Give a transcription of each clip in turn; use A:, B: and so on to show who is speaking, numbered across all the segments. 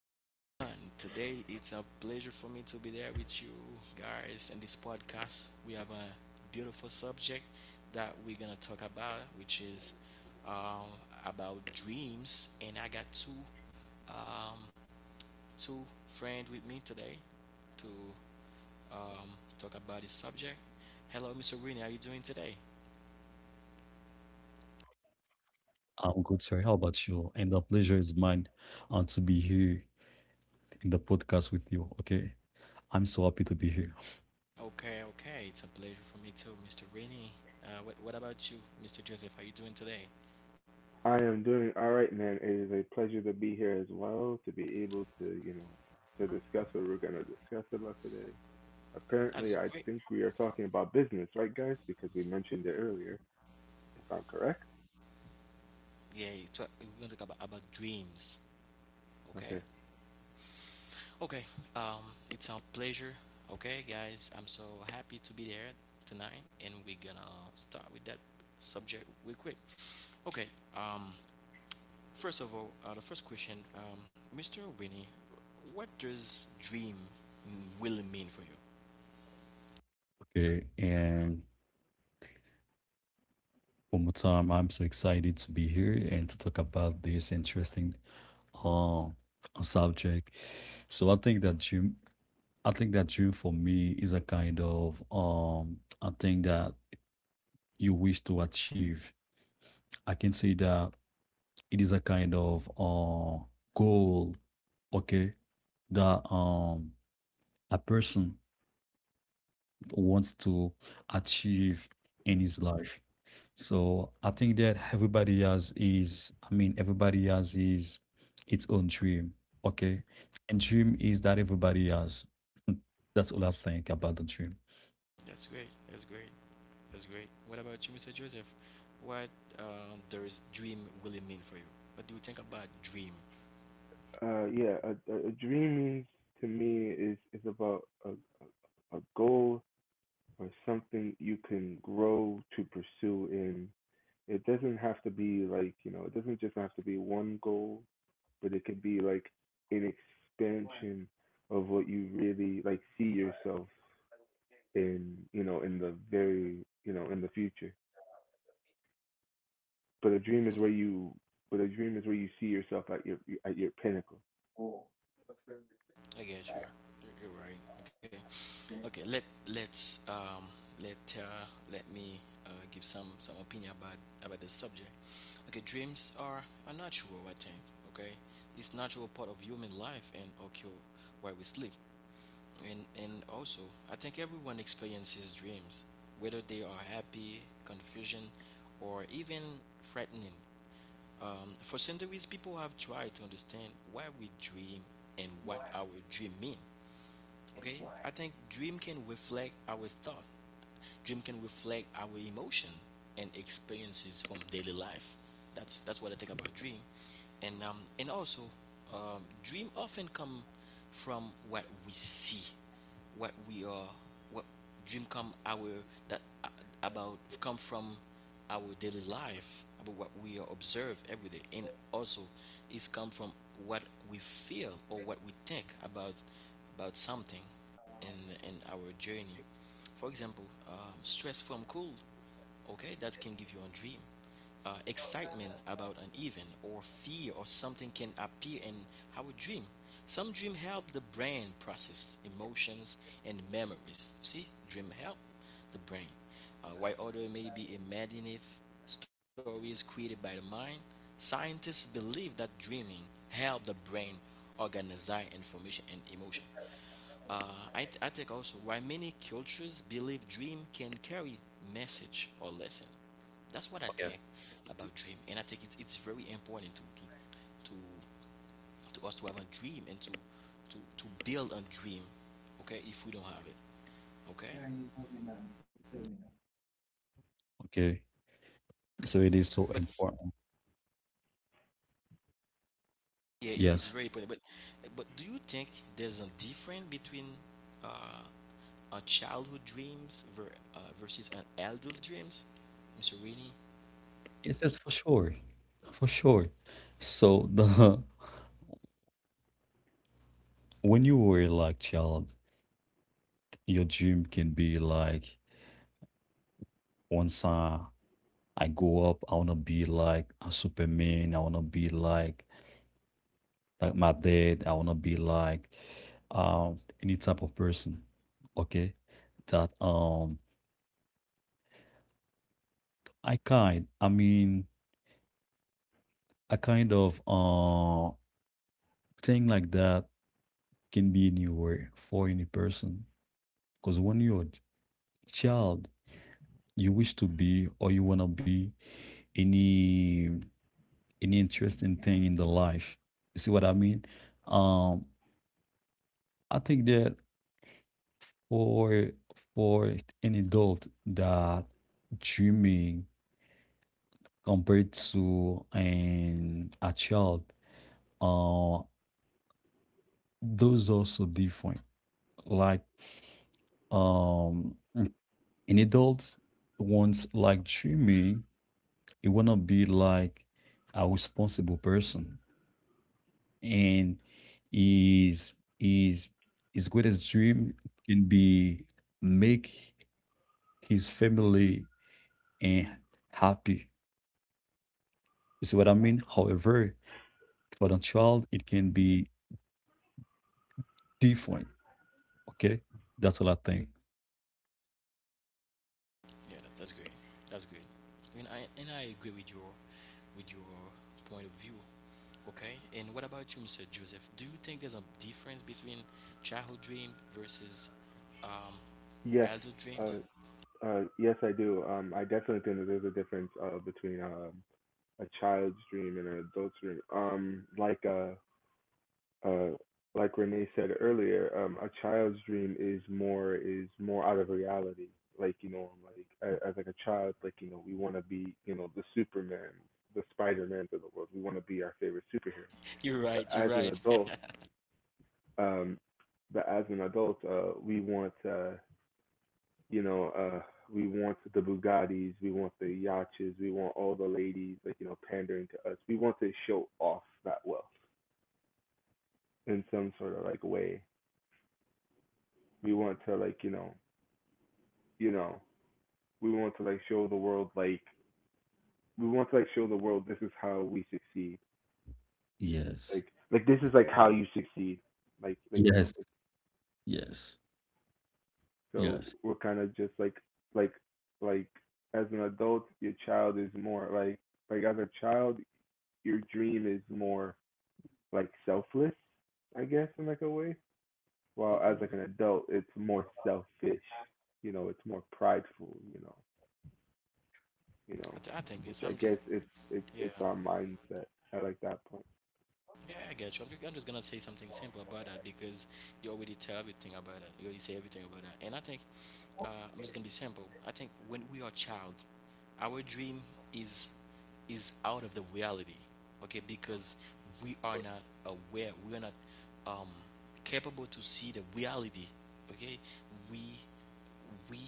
A: everyone. Today it's a pleasure for me to be there with you guys in this podcast. We have a beautiful subject that we're gonna talk about, which is um, about dreams. And I got um, two friends with me today to um, talk about this subject. Hello, Mr. Rini, how you doing today?
B: I'm good, sir. How about you? And the pleasure is mine to be here in the podcast with you. Okay. I'm so happy to be here.
A: Okay, okay. It's a pleasure for me too, Mr. Rini. What about you, Mr. Joseph? How you doing today?
C: I am doing all right, man. It is a pleasure to be here as well, to be able to, you know, to discuss what we're going to discuss about today.
A: That's
C: Apparently, I
A: great.
C: think we are talking about business, right, guys? Because we mentioned it earlier, if I'm correct.
A: Yeah, it's we're gonna talk about dreams. Okay.
C: Okay.
A: Okay. It's a pleasure. Okay, guys, I'm so happy to be there tonight, and we're gonna start with that subject real quick. Okay. Um, First of all, the first question, Mr. Winnie, what does dream really mean for you?
B: Okay. And one more time, I'm so excited to be here and to talk about this interesting uh, uh, subject. So I think that dream, I think that dream for me is a kind of a thing that you wish to achieve. I can say that it is a kind of goal, okay, that a person wants to achieve in his life. So I think that everybody has his, I mean, everybody has his its own dream. Okay. And dream is that everybody has. That's all I think about the dream.
A: That's great. That's great. That's great. What about you, Mr. Joseph? What does dream really mean for you? What do you think about dream?
C: Yeah, a dream means to me is about a goal or something you can grow to pursue in. It doesn't have to be like, you know, it doesn't just have to be one goal but it could be like an expansion of what you really like see yourself in you know in the very you know in the future but a dream is where you but a dream is where you see yourself at your pinnacle.
A: I get you. You're right. Okay. Okay, let let's let let me give some opinion about the subject. Okay, dreams are a natural, I think. Okay, it's natural part of human life and occur while we sleep. And also, I think everyone experiences dreams, whether they are happy, confusion, or even frightening. For centuries, people have tried to understand why we dream and what our dream mean. Okay, I think dream can reflect our thought, dream can reflect our emotion and experiences from daily life. That's what I think about dream. And also, dream often come from what we see, what we are, what dream come our that about come from our daily life, about what we observe every day, and also it's come from what we feel or what we think about something in our journey. For example, stress from cold, okay, that can give you a dream. Excitement about an event, or fear, or something can appear in our dream. Some dream help the brain process emotions and memories. See dream help the brain, while other may be imaginative stories created by the mind. Scientists believe that dreaming help the brain organize information and emotion. Uh, I, I think also why many cultures believe dream can carry message or lesson. That's what I
B: Okay.
A: think about dream, and I think it's very important to us to have a dream and to build a dream. Okay, if we don't have it, okay,
B: Okay.
A: okay.
B: So it is so
A: But
B: important.
A: yeah, it's
B: Yes.
A: very important. But do you think there's a difference between uh, a childhood dreams versus an adult dreams, Mr. Rainey?
B: Yes, yes, for sure. For sure. So the when you were like child, your dream can be like once I grow up, I want to be like a Superman. I want to be like my dad. I want to be like any type of person. Okay, that I mean, a kind of thing like that can be anywhere for any person. Because when you're a child, you wish to be or you want to be any any interesting thing in the life. You see what I mean? Um, I think that for for an adult that dreaming compared to an a child, uh, those are so different. Like um an adult wants like dreaming, it wanna be like a responsible person and his his his greatest dream can be make his family and happy. You see what I mean? However, for the child, it can be different. Okay, that's all I think.
A: Yeah, that's great. That's great. And I agree with your point of view. Okay. And what about you, Mr. Joseph? Do you think there's a difference between childhood dream versus um, adult
C: Yes,
A: dreams?
C: uh yes I do. I definitely think that there's a difference between a child's dream and an adult's dream. Uh, like Renee said earlier, a child's dream is more out of reality. Like you know, like as like a child, like you know, we want to be you know the Superman, the Spider Man of the world. We want to be our favorite superheroes.
A: You're
C: But
A: right. You're
C: as an
A: right.
C: adult, um, but as an adult, we want you know uh, we want the Bugattis, we want the yachts, we want all the ladies like you know pandering to us. We want to show off that wealth in some sort of like way, we want to like you know, you know, we want to like show the world like we want to like show the world this is how we succeed,
B: Yes,
C: like this is like how you succeed, like you know
B: yes,
C: like,
B: yes,
C: so
B: yes.
C: we're kind of just like like as an adult your child is more like as a child your dream is more like selfless I guess in like a way, while as like an adult it's more selfish, you know it's more prideful you
A: I,
C: know,
A: th- I think
C: which
A: this.
C: I
A: I'm
C: guess
A: just
C: it's it's
A: yeah.
C: it's our mindset at like that point.
A: Yeah, I get you. I'm just gonna say something simple about that because you already tell everything about that. You already say everything about that. And I think uh, I'm just gonna be simple. I think when we are child, our dream is is out of the reality. Okay, because we are not aware. We are not um, capable to see the reality. Okay, we we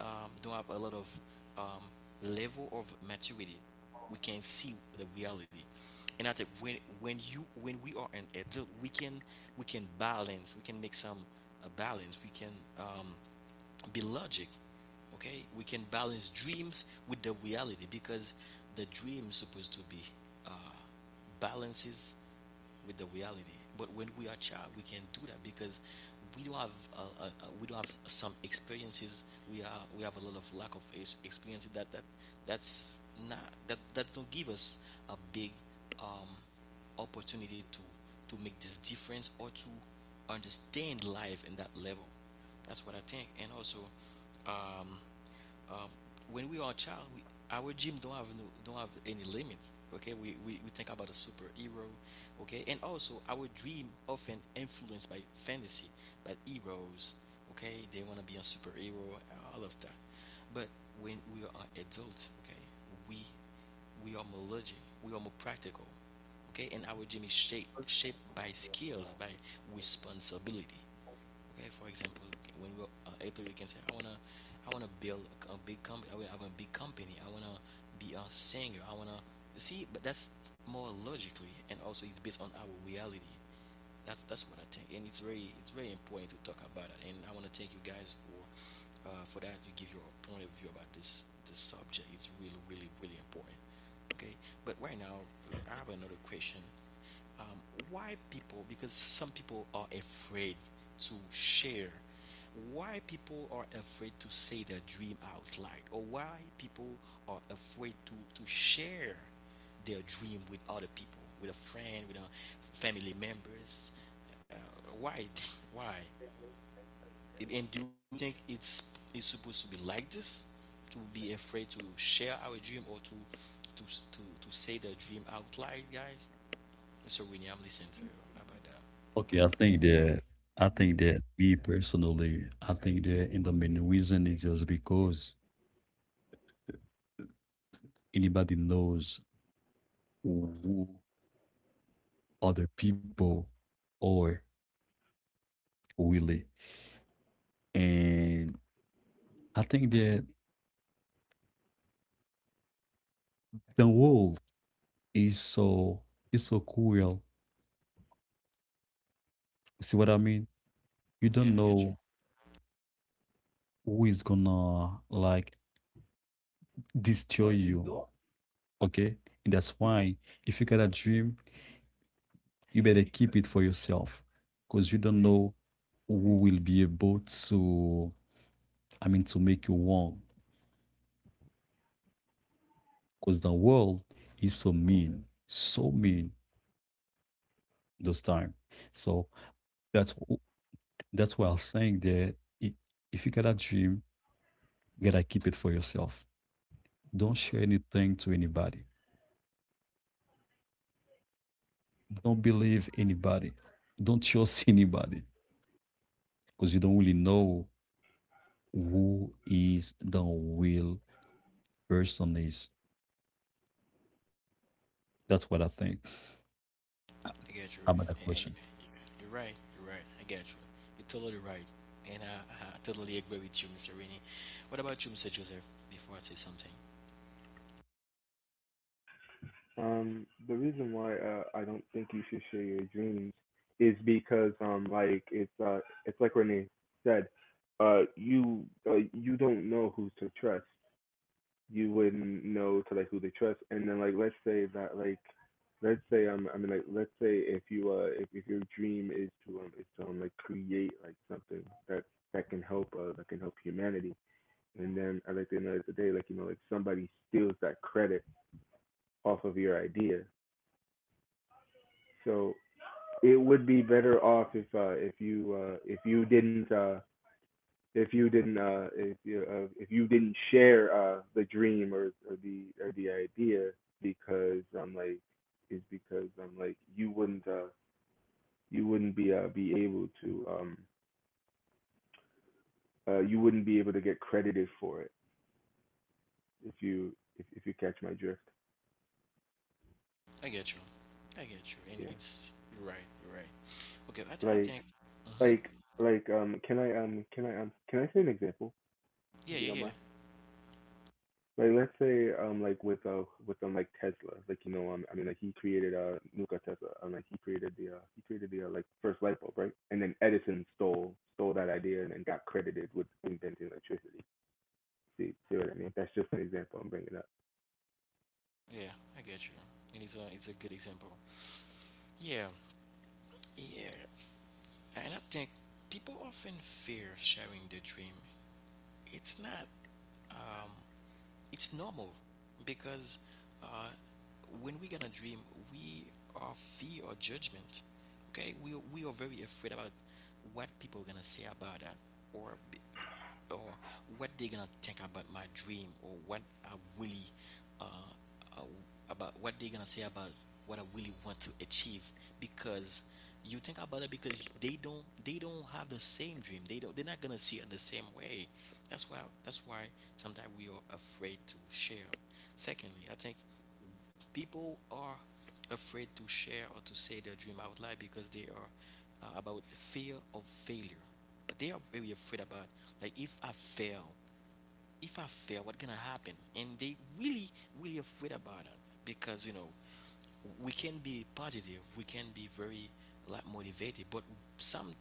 A: um, don't have a lot of um, level of maturity. We can see the reality, and I think when we are an adult, we can balance. We can make some balance. We can um, be logic. Okay, we can balance dreams with the reality because the dream is supposed to be uh, balances with the reality. But when we are child we can do that because we don't have uh, uh, uh, we don't have some experiences. We are we have a lot of lack of experience that that that's not that that don't give us a big um opportunity to make this difference or to understand life in that level. That's what I think. And also, um, um, when we are a child, we, our gym don't have no, don't have any limit. Okay, we think about a superhero. Okay, and also our dream often influenced by fantasy, by heroes. Okay, they want to be a superhero, all of that. But when we are adults, okay, we we are more logic, we are more practical. Okay, and our gym is shaped by skills, by responsibility. Okay, for example, when we are eight thirty, you can say, I wanna build a big company. I wanna have a big company. I wanna be a singer. I wanna see, but that's more logically, and also it's based on our reality. That's what I think, and it's very important to talk about it. And I want to thank you guys for that. You give your point of view about this this subject. It's really really really important. Okay, but right now I have another question. Um, why people? Because some people are afraid to share. Why people are afraid to say their dream out loud, or why people are afraid to share their dream with other people, with a friend, with a family members. Uh, why? Why? And do you think it's supposed to be like this? To be afraid to share our dream or to to say the dream out loud, guys? So Winnie, I'm listening to you about that.
B: Okay, I think that me personally, I think that in the main reason is just because anybody knows who other people or Willie. And I think that the world is so is so cruel. See what I mean? You
A: Yeah,
B: don't
A: I get you.
B: know who is gonna like destroy you. Okay? And that's why if you got a dream, you better keep it for yourself. Because you don't know who will be able to I mean to make you wrong. Because the world is so mean. So mean those time. So that's that's why I think that i- if you got a dream, you gotta keep it for yourself. Don't share anything to anybody. Don't believe anybody. Don't trust anybody because you don't really know who is the real person is. That's what I think
A: I get you,
B: about that
A: and
B: question.
A: you're right. You're right. I get you. You're totally right, and I totally agree with you, Mr. Winnie. What about you, Mr. Joseph? Before I say something.
C: The reason why I don't think you should share your dreams is because like it's like Renee said, you you don't know who to trust. You wouldn't know to like who to trust, and then like let's say I mean like let's say if you if your dream is to like create like something that can help that can help humanity. And then I like to know today, like you know, like somebody steals that credit off of your idea. So it would be better off if you didn't if you didn't share the dream or the idea because I'm like you wouldn't be able to you wouldn't be able to get credited for it if you if you catch my drift.
A: I get you. I get you. And
C: Yeah.
A: it's you're right. You're right. Okay, I
C: Like
A: think. Hmm.
C: Like like can I can I say an example
A: Yeah,
C: if you don't
A: yeah, yeah,
C: mind? Like let's say like with like Tesla like you know I mean like he created Nikola Tesla like he created the like first light bulb right and then Edison stole that idea and got credited with inventing electricity. See see what I mean? That's just an example I'm bringing up.
A: yeah. I get you. And it's a good example. Yeah, yeah. And I think people often fear sharing their dream. It's not. Um, it's normal because uh, when we gonna dream, we are fear or judgment. Okay, we are very afraid about what people gonna say about that or or what they're gonna think about my dream or what I really uh, uh, about what they're gonna say about what I really want to achieve because you think about it because they don't have the same dream, they don't they're not gonna see it the same way. That's why that's why sometimes we are afraid to share. Secondly, I think people are afraid to share or to say their dream out loud because they are about the fear of failure, but they are very afraid about like if I fail, if I fail, what gonna happen, and they really really afraid about it because you know we can be positive, we can be very like motivated, but some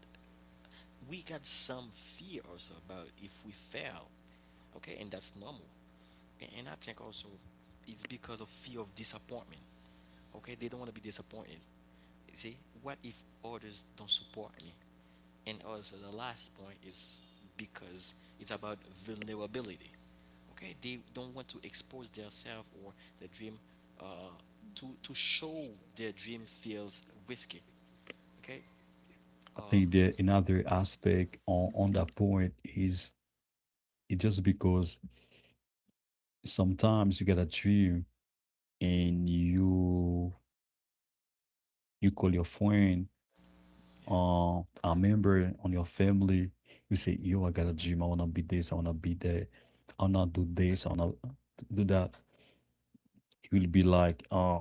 A: we got some fear also about if we fail. Okay, and that's normal. And I think also it's because of fear of disappointment. Okay, they don't want to be disappointed. You see what if others don't support me. And also, the last point is because it's about vulnerability. Okay, they don't want to expose themselves or their dream, uh, to show their dream feels risky. Okay.
B: I
A: Um,
B: think that another aspect on that point is it just because sometimes you get a dream and you call your friend,
A: yeah.
B: A member on your family, you say, "Yo, I got a dream. I wanna be this. I wanna be that. I wanna do this. I wanna do that." He will be like,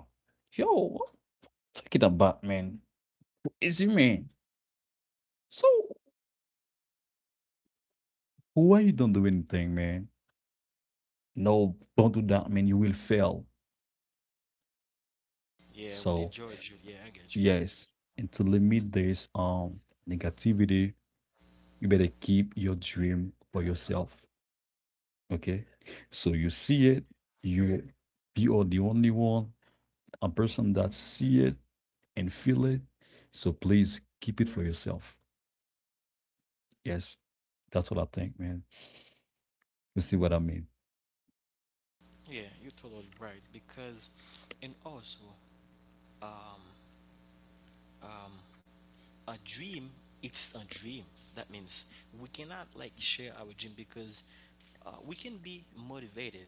B: yo, take it about, man. Easy man. So why you don't do anything, man? No, don't do that, man. You will fail."
A: Yeah, when they
B: So
A: judge you. Yeah, I get you.
B: yes, and to limit this negativity, you better keep your dream for yourself. Okay. So you see it, you you are the only one, a person that see it and feel it. So please keep it for yourself. Yes. That's what I think, man. You see what I mean?
A: Yeah, you're totally right. Because, and also, um, um, a dream, it's a dream. That means we cannot like share our dream because we can be motivated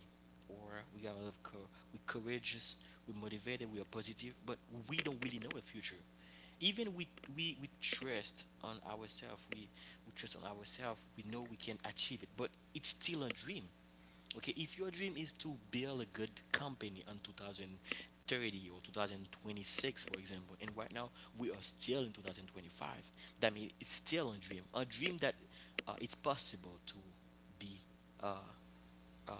A: or we got a lot of we're courageous, we're motivated, we are positive, but we don't really know the future. Even we we trust on ourselves, we trust on ourselves, we know we can achieve it, but it's still a dream. Okay, if your dream is to build a good company in 2030 or 2026, for example, and right now we are still in 2025, that means it's still a dream that it's possible to be uh, uh,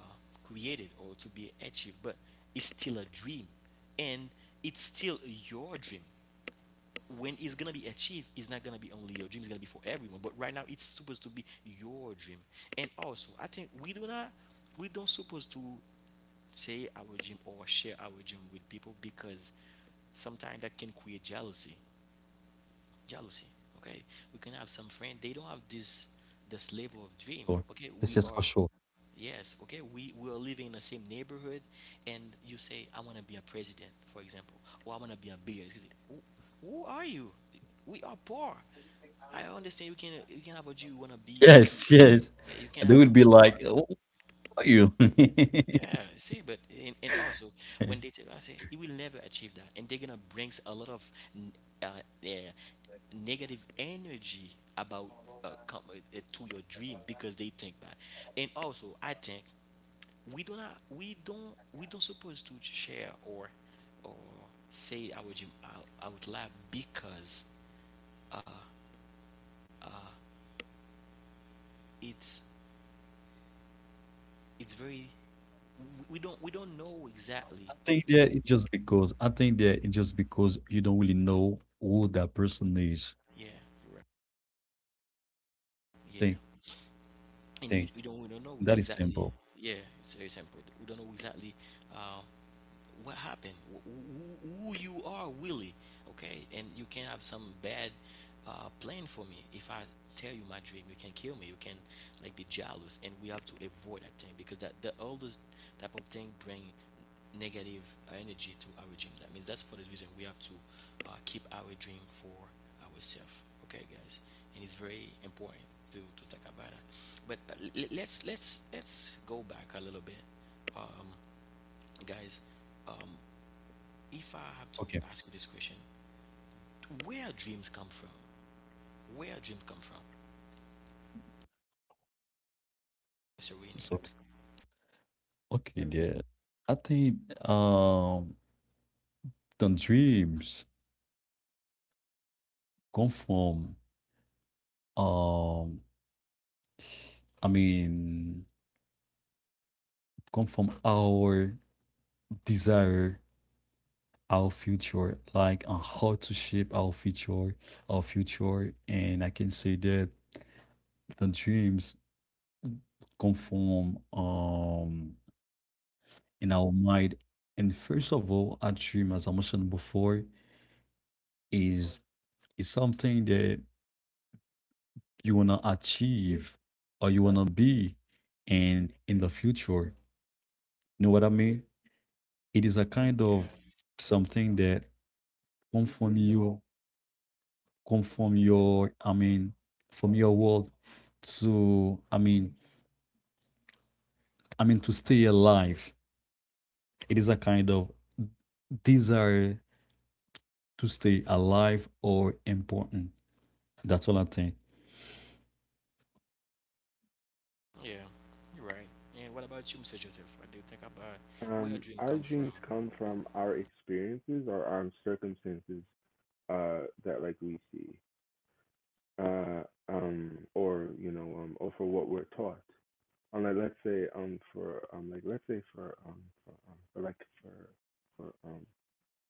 A: created or to be achieved, but it's still a dream, and it's still your dream. When it's gonna be achieved, it's not gonna be only your dream; it's gonna be for everyone. But right now, it's supposed to be your dream, and also I think we do not we don't supposed to say our dream or share our dream with people because sometimes that can create jealousy. Jealousy. Okay, we can have some friend they don't have this this
B: Or
A: level of dream.
B: yes, yes, for
A: Okay,
B: sure.
A: we are yes. Okay, we are living in the same neighborhood, and you say I want to be a president, for example, or I want to be a billionaire. He say, who are you? We are poor. I understand you can have a dream you want to be.
B: Yes, yes.
A: Okay, you can
B: And they
A: have
B: will
A: a
B: be
A: car.
B: like, oh, who are you? I
A: Yeah, see, but and also when they tell you, I say you will never achieve that, and they're gonna bring a lot of n- uh, yeah, negative energy about to your dream because they think that. And also, I think we do not, we don't supposed to share or say our dream out loud because it's it's very we don't know exactly.
B: think that it just because I think that it just because you don't really know who that person is.
A: Yeah, yeah.
B: Think I
A: And
B: think
A: we don't know
B: that is
A: exactly.
B: simple.
A: Yeah, it's very simple, we don't know exactly uh, what happened. Who you are really. Okay, and you can have some bad plan for me. If I tell you my dream, you can kill me, you can like be jealous, and we have to avoid that thing because that the oldest type of thing bring negative energy to our dream. That means that's for the reason we have to keep our dream for ourselves. Okay, guys, and it's very important to talk about that. But let's let's go back a little bit, um, guys. Um, if I have to
B: Okay.
A: ask you this question, where dreams come from? Where dreams come from, Mr. Winnie?
B: So okay, dear. I think um the dreams come from um I mean come from our desire, our future, like on how to shape our future, our future. And I can say that the dreams come from in our mind. And first of all, a dream, as I mentioned before, is is something that you want to achieve or you want to be and in the future, you know what I mean, it is a kind of
A: Yeah.
B: something that come from you, come from your, from your world to, I mean to stay alive, it is a kind of desire to stay alive or important. That's all I think.
A: Yeah, you're right. And what about you, Mr. Joseph? What do you think about where dream
C: Our
A: come from?
C: dreams come from our experiences or our circumstances that like we see, uh, or you know, or for what we're taught. Like let's say, for like let's say for like for um,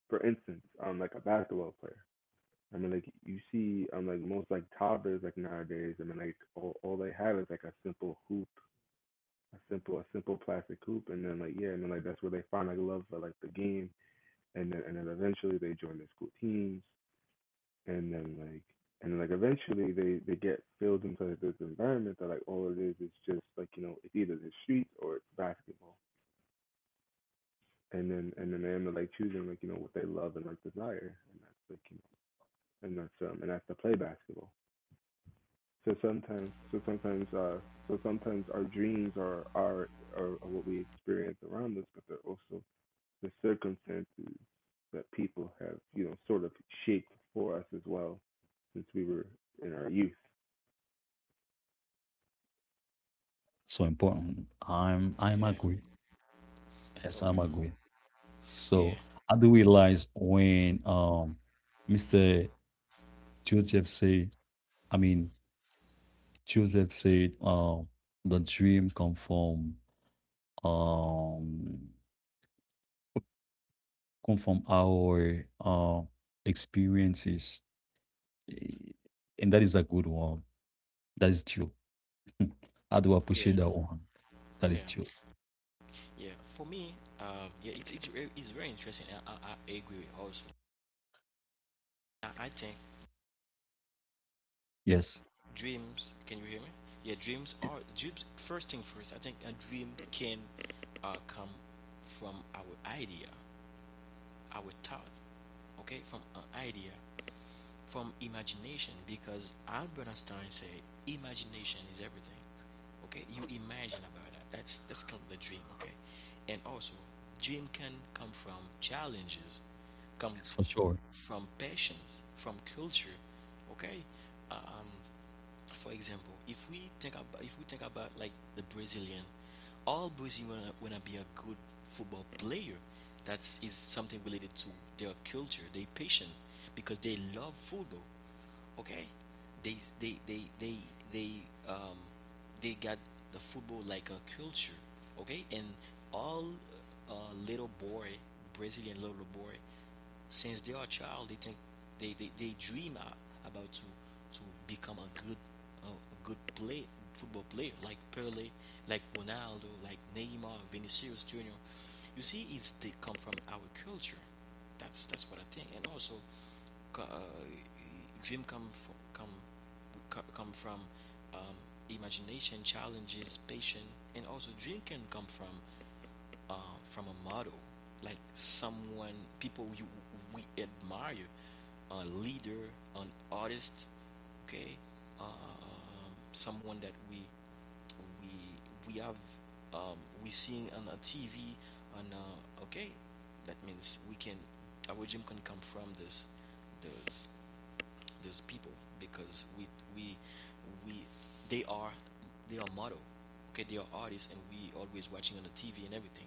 C: for instance, like a basketball player. I mean, like you see, like most like toddlers like nowadays. I mean, like all they have is like a simple hoop, a simple plastic hoop, and then like yeah, and then like that's where they find like love for like the game, and then eventually they join their school teams, and then like and like eventually they get filled into like this environment that like all it is just like you know it's either the streets or it's basketball, and then they end up like choosing like you know what they love and like desire and that's like you know and that's to play basketball. So sometimes our dreams are are what we experience around us but they're also the circumstances that people have you know sort of shaped for us as well since we were in our youth.
B: So important. I'm
A: Yeah.
B: agree. Yes, I'm
A: Okay.
B: agree.
A: Yeah.
B: So I do realize when Mr. Joseph said, I mean Joseph said, the dream um come from our experiences, eh, and that is a good one. That is true. I do
A: Yeah.
B: appreciate that one. That
A: Yeah.
B: is true.
A: Yeah. For me, yeah, it's very interesting. And I agree with also. I think
B: Yes,
A: dreams. Can you hear me? Yeah, dreams are
B: yes,
A: dreams. First thing first, I think a dream can come from our idea, our thought, okay, from an idea, from imagination, because Albert Einstein said imagination is everything. Okay, you imagine about that. That's called the dream. Okay, and also dream can come from challenges, come
B: yes, for sure.
A: from passions, from culture. Okay, um, for example, if we think about like the Brazilian, all Brazilian wanna be a good football player. That's is something related to their culture, their passion, because they love football. Okay, they they they they they um they got the football like a culture. Okay, and all uh, little boy, Brazilian little boy, since they are a child they think they dream about to become a good a good play football player like Pele, like Ronaldo, like Neymar, Vinicius Jr. You see, it's they come from our culture. That's what I think. And also, uh, dream come from come come from um, imagination, challenges, patience, and also dream can come from a model, like someone, people you we admire, a leader, an artist, okay, someone that we we have, um, we seeing on a TV, on okay, that means we can, our dream can come from this, those those people, because we we they are they are model, okay, they are artists, and we always watching on the TV and everything,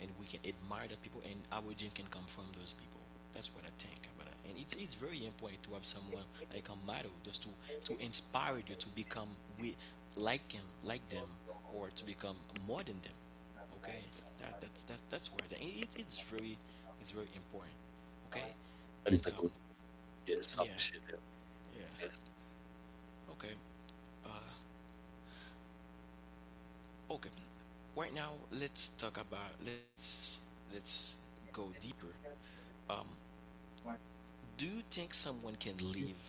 A: and we can admire the people, and our gene can come from those people. That's what I think about it, and it's very important to have someone like a model, just to inspire you to become, we like him, like them, or to become more than them. Okay, that's where the, it's very, it's very important. Okay,
B: That
A: and
B: is a good one. Yes, I
A: yeah,
B: appreciate that.
A: yeah.
B: Yes.
A: Okay, okay. Right now, let's talk about, let's go deeper. Do you think someone can live,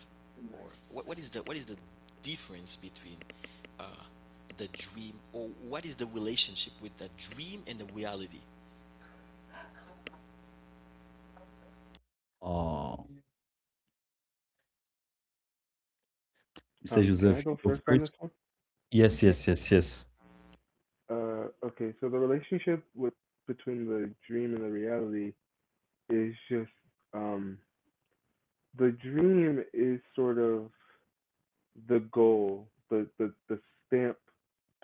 A: or what is the, what is the difference between uh the dream, or what is the relationship with the dream and the reality?
B: Uh, Mr.
C: Can
B: Joseph,
C: I
B: you
C: go
B: go
C: first on
B: first.
C: this one?
B: Yes, yes, yes, yes.
C: Okay, so the relationship with between the dream and the reality is just um, the dream is sort of the goal, the stamp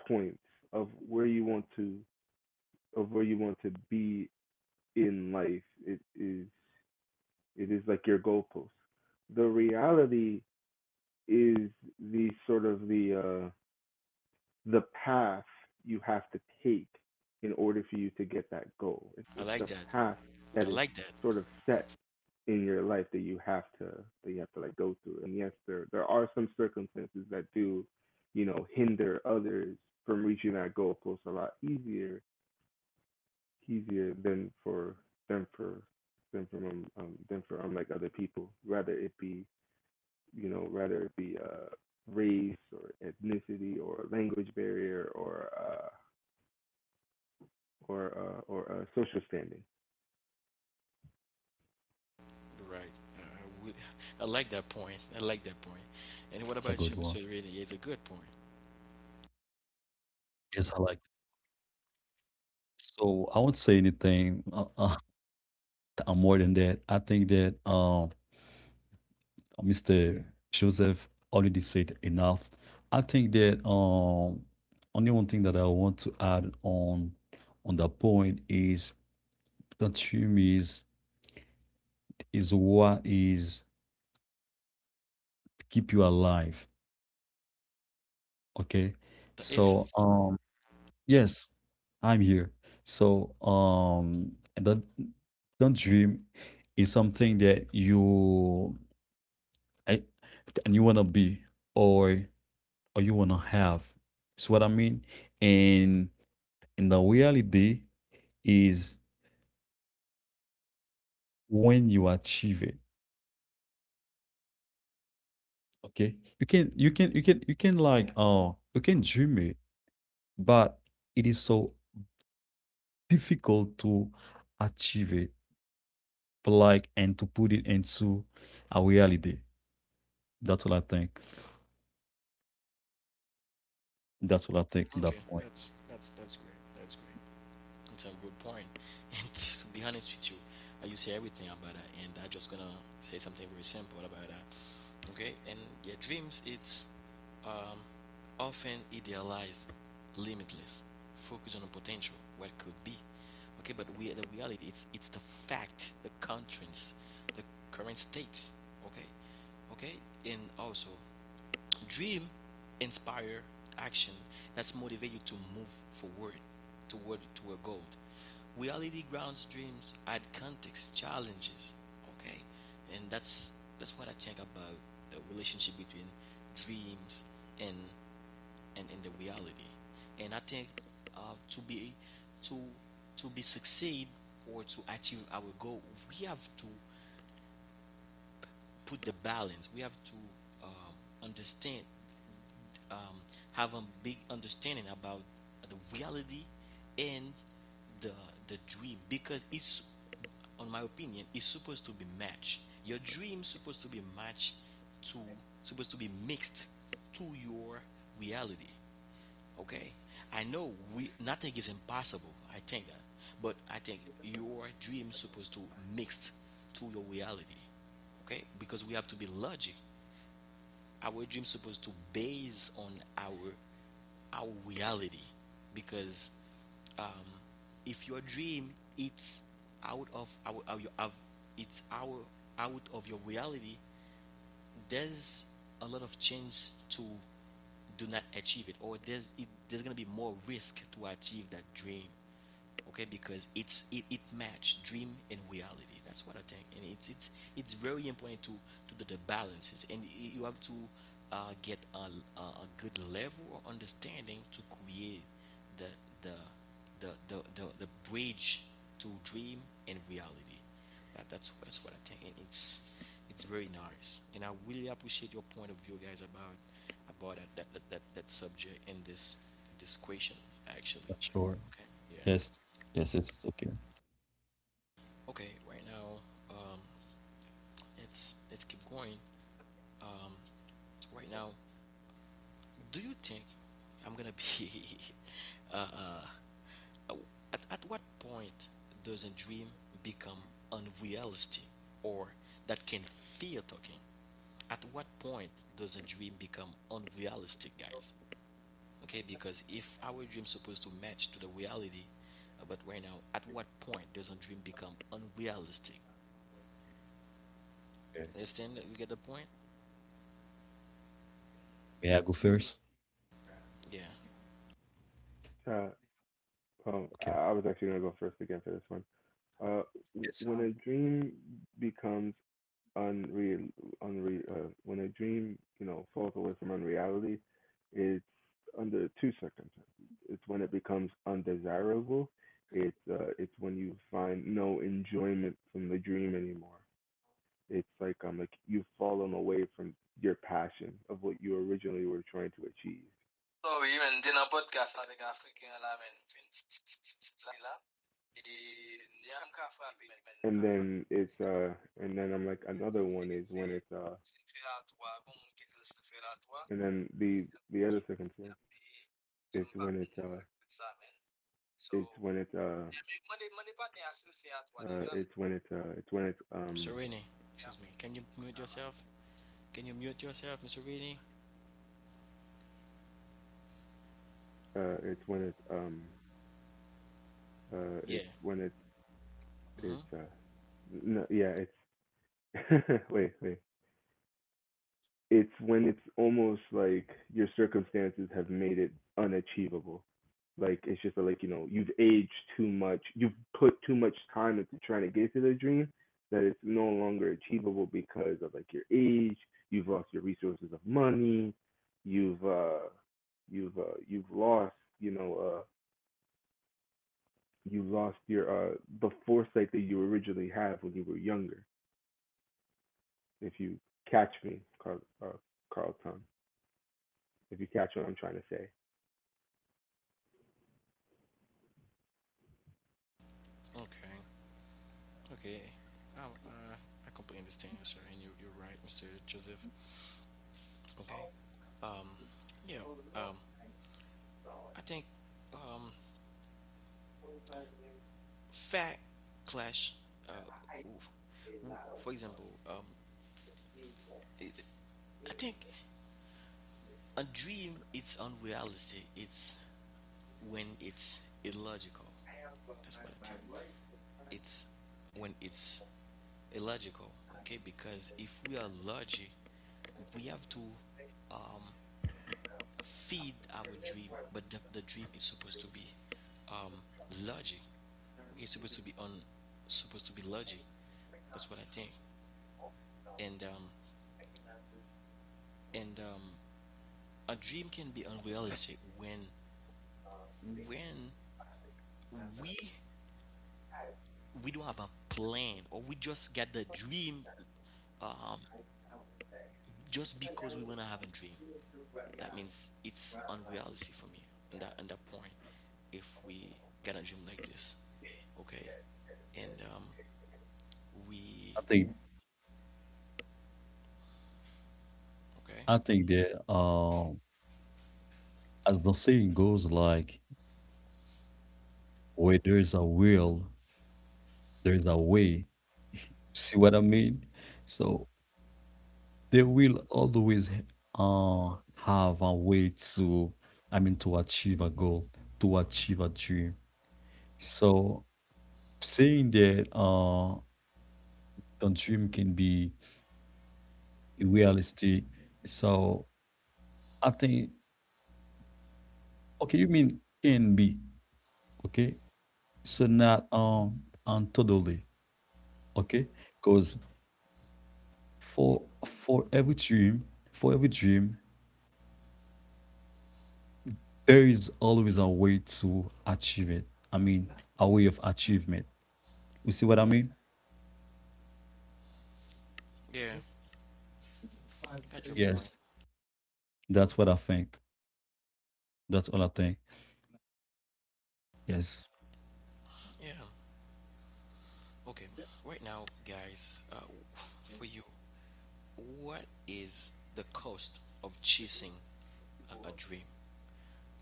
C: points of where you want to of where you want to be in life. It is like your goalpost. The reality is the sort of the path you have to take in order for you to get that goal.
A: I
C: It's
A: like
C: the
A: that.
C: path that
A: I
C: is
A: like that.
C: sort of set in your life that you have to like go through. And yes, there are some circumstances that do, you know, hinder others from reaching that goal post a lot easier easier than for than for than from than for like other people. Rather it be you know, rather it be race or ethnicity or language barrier or social standing.
A: Right. I, I, would- I
B: That's
A: like
B: a
A: that
B: good
A: point.
B: one.
A: I like that point. And what about you, Mr. Rainey? It's a good point.
B: Yes, I like it. So I won't say anything. I'm more than that. I think that Mr. Joseph already said enough. I think that only one thing that I want to add on that point is the dream is what is keep you alive. Okay,
A: The
B: so
A: essence.
B: yes, I'm here. So, the dream is something that you I and you wanna be or or you wanna have. It's what I mean. And and the reality is when you achieve it. Okay. You can you can like you can dream it, but it is so difficult to achieve it, but like and to put it into a reality. That's what I think. That's what I think. That
A: Okay,
B: point.
A: that's great. That's great. It's a good point. And to be honest with you, you say everything about that, and I am just gonna say something very simple about that. Okay, and your yeah, dreams, it's um, often idealized, limitless, focus on the potential, what could be. Okay, but we the reality, it's the fact, the constraints, the current states. Okay, okay, and also dream inspire action, that's motivate you to move forward toward to a goal. Reality grounds dreams, add context challenges. Okay, and that's what I think about the relationship between dreams and and the reality. And I think uh, to be to to be succeed or to achieve our goal, we have to put the balance. We have to understand, um, have a big understanding about the reality and the the dream, because it's on my opinion is supposed to be matched, your dream supposed to be matched to supposed to be mixed to your reality. Okay, I know we, nothing is impossible, I think that. But I think your dream supposed to mixed to your reality. Okay, because we have to be logic. Our dream supposed to base on our our reality, because um, if your dream it's out of it's our out of your reality, there's a lot of chance to do not achieve it, or there's gonna be more risk to achieve that dream. Okay, because it match dream and reality. That's what I think, and it's very important to do the balances, and you have to get a good level of understanding to create the the the, bridge to dream and reality. That's what I think. And it's very nice, and I really appreciate your point of view, guys, about that subject in this this question actually.
B: That's sure.
A: Okay. Yeah.
B: Yes. Yes. Yes. Okay.
A: Okay. Right now, um, let's keep going. Um, right now, do you think I'm gonna be uh, uh at what point does a dream become unreality, or that can feel talking? At what point does a dream become unrealistic, guys? Okay, because if our dream's supposed to match to the reality, but right now, at what point does a dream become unrealistic?
B: Okay.
A: Understand that? You get the point?
B: May I go first?
A: Yeah.
C: Uh,
B: Okay.
C: I was actually going to go first again for this one. Uh, when a dream becomes unreal, when a dream you know falls away from unreality, it's under two circumstances. It's when it becomes undesirable. It's when you find no enjoyment from the dream anymore. It's like you've fallen away from your passion of what you originally were trying to achieve, and then it's and then I'm like another one is when it's and then the other circumstance it's when it's when it's when it's when
A: Mr. Rainey, excuse me. Can you mute yourself? Can you mute yourself, Mr. Rainey?
C: it's when it's
A: Yeah.
C: when
A: Mm-hmm.
C: it's no yeah it's wait, it's when it's almost like your circumstances have made it unachievable. Like it's just like, you know, you've aged too much. You've put too much time into trying to get to the dream that it's no longer achievable because of like your age, you've lost your resources of money, you've uh you've lost, you know, you lost your the foresight that you originally had when you were younger. If you catch me, Carlton, if you catch what I'm trying to say.
A: Okay. Okay. Oh, I completely understand you, sir, and you're right, Mr. Joseph. Okay. Um, yeah. Um, I think um, fact clash. Uh, oof. For example, i I think a dream, it's unrealistic. It's when it's illogical. That's what I think. It's when it's illogical. Okay, because if we are logic, we have to, Um, feed our dream, but the dream is supposed to be um, logic. Okay, it's supposed to be on, supposed to be logic. That's what I think. And and um, a dream can be unrealistic when when we we don't have a plan, or we just get the dream just because we wanna have a dream. That means it's unrealistic for me on that point. If we get a dream like this, okay, and we
B: I think.
A: okay.
B: I think that as the saying goes, like where there's a will, there's a way. See what I mean? So they will always have a way to, I mean, to achieve a goal, to achieve a dream. So saying that the dream can be realistic. So I think okay, you mean can be okay, so not and totally okay, because for every dream, for every dream, there is always a way to achieve it. I mean, a way of achievement. You see what I mean?
A: Yeah, got your point.
B: Yes, that's what I think. That's all I think. Yes.
A: Yeah. Okay. Right now, guys, for you, what is the cost of chasing a dream?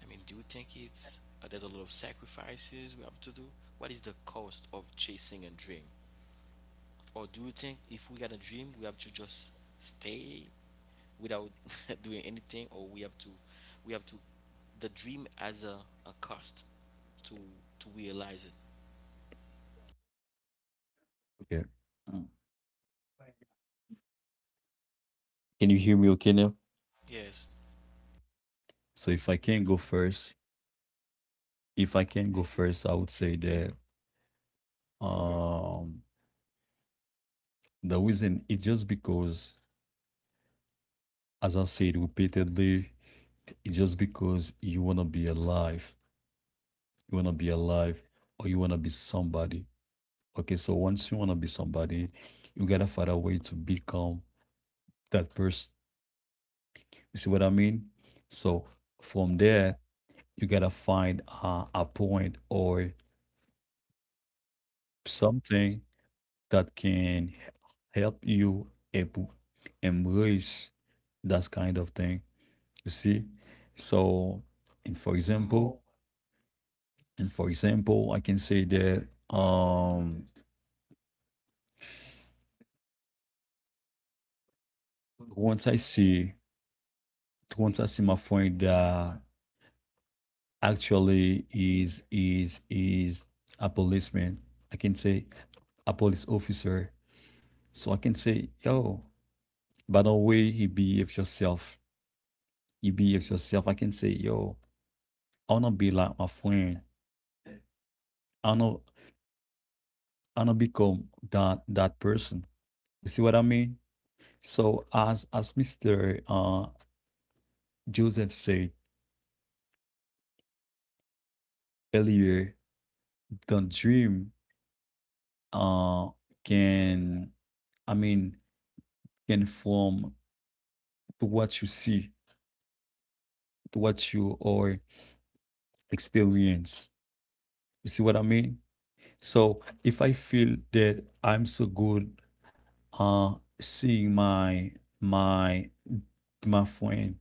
A: I mean, do you think it's there's a lot of sacrifices we have to do? What is the cost of chasing a dream? Or do you think if we got a dream, we have to just stay without doing anything, or we have to, the dream as a cost to to realize it?
B: Okay. Mm. Can you hear me okay now?
A: Yes.
B: So if I can go first, if I can go first, I would say that um the reason is just because as I said repeatedly, it's just because you want to be alive. You want to be alive or you want to be somebody. Okay, so once you want to be somebody, you got to find a way to become that person. You see what I mean? So from there, you got to find a point or something that can help you able- embrace that kind of thing. You see? So, and for example, and for example, I can say that once I see once I see my friend that actually is a policeman, I can say a police officer. So I can say, yo, by the way he behaves yourself, he behaves yourself. I can say, yo, I wanna be like my friend. I wanna I wanna become that person. You see what I mean? So as Mr. Joseph said earlier, the dream uh can, i mean can form to what you see, to what you or experience. You see what I mean? So if I feel that I'm so good uh seeing my my my friend,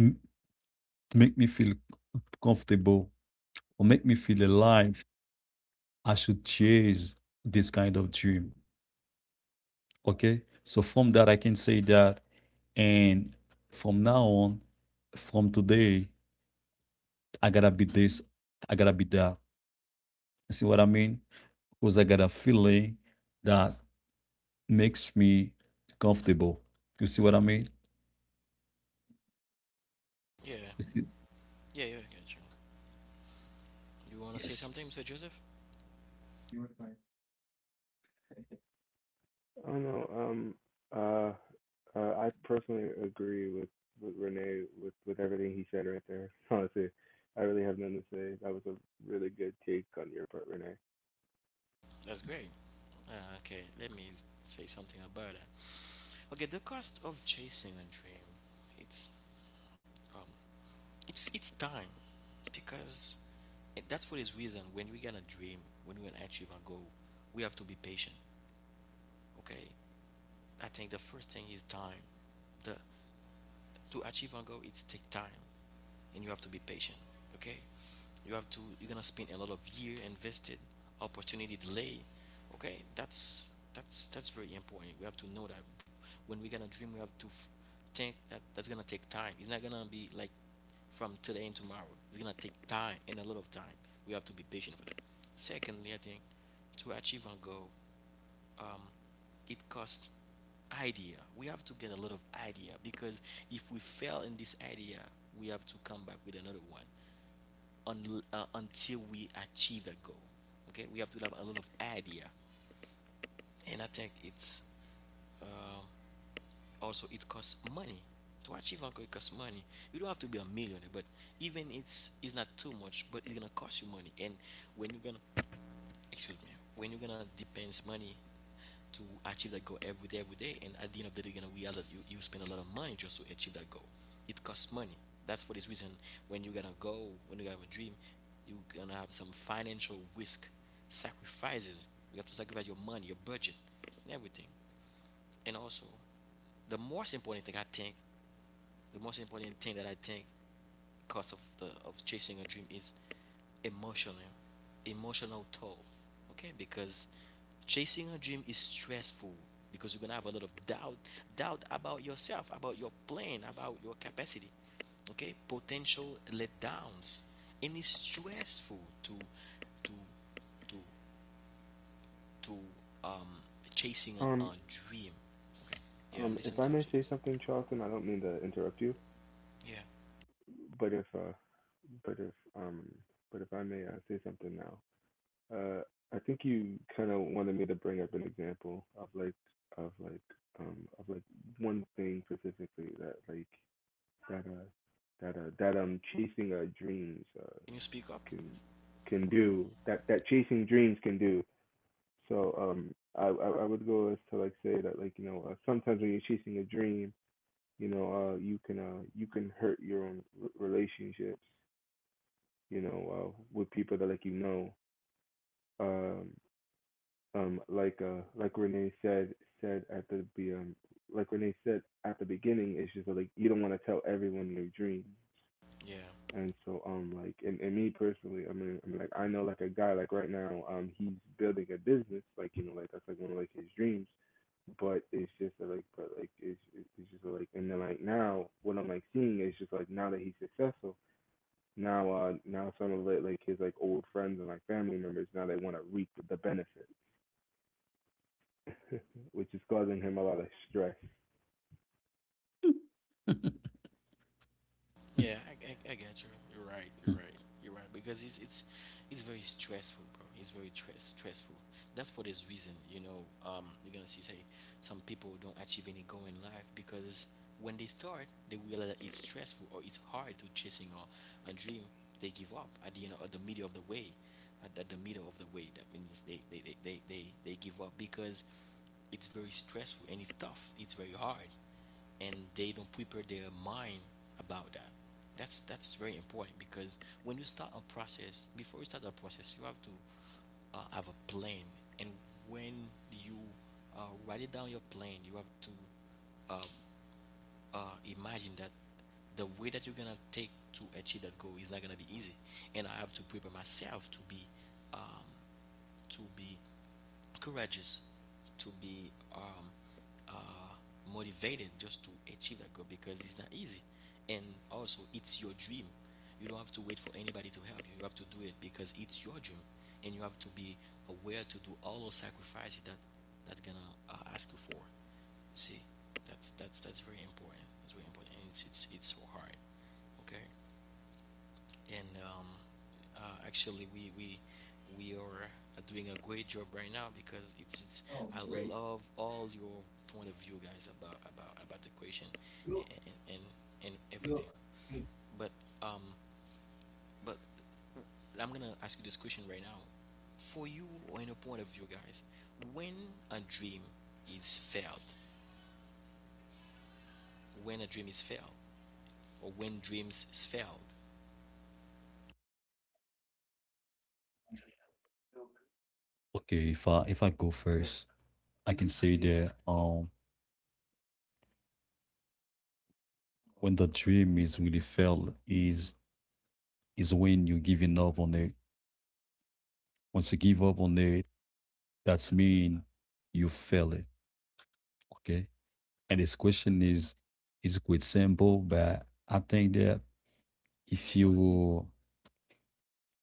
B: m- make me feel comfortable or make me feel alive, I should chase this kind of dream. Okay, so from that, I can say that, and from now on, from today, I gotta be this, I gotta be that. You see what I mean? Because I got a feeling that makes me comfortable. You see what I mean?
A: Yeah.
B: You see?
A: Yeah, yeah, I get you. You want to say
B: Yes.
A: something, Mr. Joseph?
C: I don't know. Uh, I personally agree with Renee with everything he said right there. Honestly, I really have nothing to say. That was a really good take on your part, Renee.
A: That's great. Okay, let me say something about that. Okay, the cost of chasing a dream, it's um, it's time, because that's for this reason. When we gonna dream, when we gonna achieve a goal, we have to be patient. Okay, I think the first thing is time. The To achieve a goal, it's take time, and you have to be patient. Okay, you have to. You're gonna spend a lot of year invested, opportunity delay. Okay, that's very important. We have to know that when we're gonna dream, we have to think that that's gonna take time. It's not gonna be like from today and tomorrow. It's gonna take time and a lot of time. We have to be patient for that. Secondly, I think to achieve our goal, um, it costs idea. We have to get a lot of idea, because if we fail in this idea, we have to come back with another one until we achieve a goal. Okay, we have to have a lot of idea, and I think it's uh, also it costs money to achieve uncle. It costs money. You don't have to be a millionaire, but even it's not too much, but it's gonna cost you money. And when you're gonna excuse me, when you're gonna depends money to achieve that goal every day, and at the end of the day, you're gonna realize that you spend a lot of money just to achieve that goal. It costs money. That's for this reason when you're gonna go, when you have a dream, you're gonna have some financial risk, sacrifices. You have to sacrifice your money, your budget, and everything. And also, the most important thing I think, the most important thing that I think cost of chasing a dream is emotional emotional toll, okay, because chasing a dream is stressful because you're gonna have a lot of doubt about yourself, about your plan, about your capacity, okay, potential letdowns. And it's stressful to to to um chasing a,
C: Um,
A: a dream. Yeah, I'm
C: if
A: listening
C: I
A: to him,
C: may
A: so
C: say
A: just.
C: something, Charlton, I don't mean to interrupt you,
A: Yeah,
C: but if, but if, um, but if I may say something now, uh, I think you kind of wanted me to bring up an example of like, of like, of like one thing specifically that like that that that chasing dreams
A: can you speak up
C: can
A: please?
C: can do that chasing dreams can do. So I would go as to like say that like you know sometimes when you're chasing a dream you know you can hurt your own relationships you know with people that like you know um like Renee said said at the be like Renee said at the beginning it's just that, like you don't want to tell everyone your dreams.
A: Yeah.
C: And so, like, and me personally, I mean, I'm like, I know, like, a guy, like, right now, he's building a business, like, you know, like, that's like one of like his dreams. But it's just like, but like, it's just like, and then like now, what I'm like seeing is just like now that he's successful, now, now some of like, his like old friends and like family members now they want to reap the benefit, which is causing him a lot of stress.
A: Yeah, I get you. You're right. You're right. You're right because it's very stressful, bro. It's very stressful. That's for this reason, you know. You're gonna see say some people don't achieve any goal in life because when they start, they realize that it's stressful or it's hard to chasing a dream. They give up at the end, know, at the middle of the way, at the middle of the way. That means they give up because it's very stressful and it's tough. It's very hard and they don't prepare their mind about that. That's very important because when you start a process, before you start a process, you have to have a plan. And when you write it down your plan, you have to uh, imagine that the way that you're gonna take to achieve that goal is not gonna be easy, and I have to prepare myself um, to be courageous, to be uh, motivated just to achieve that goal because it's not easy. And also, it's your dream. You don't have to wait for anybody to help you. You have to do it because it's your dream, and you have to be aware to do all those sacrifices that that's gonna ask you for. See, that's very important. That's very important, and it's so hard. Okay. And actually we are doing a great job right now because it's I love all your point of view, guys, about the question and and and, everything. But um but I'm gonna ask you this question right now for you or in a point of view, guys. When a dream is failed, when a dream is failed or when dreams failed.
B: Okay, if I go first, I can say that when the dream is really felt is when you giving up on it. Once you give up on it, that's mean you fail it. Okay. And this question is quite simple, but I think that if you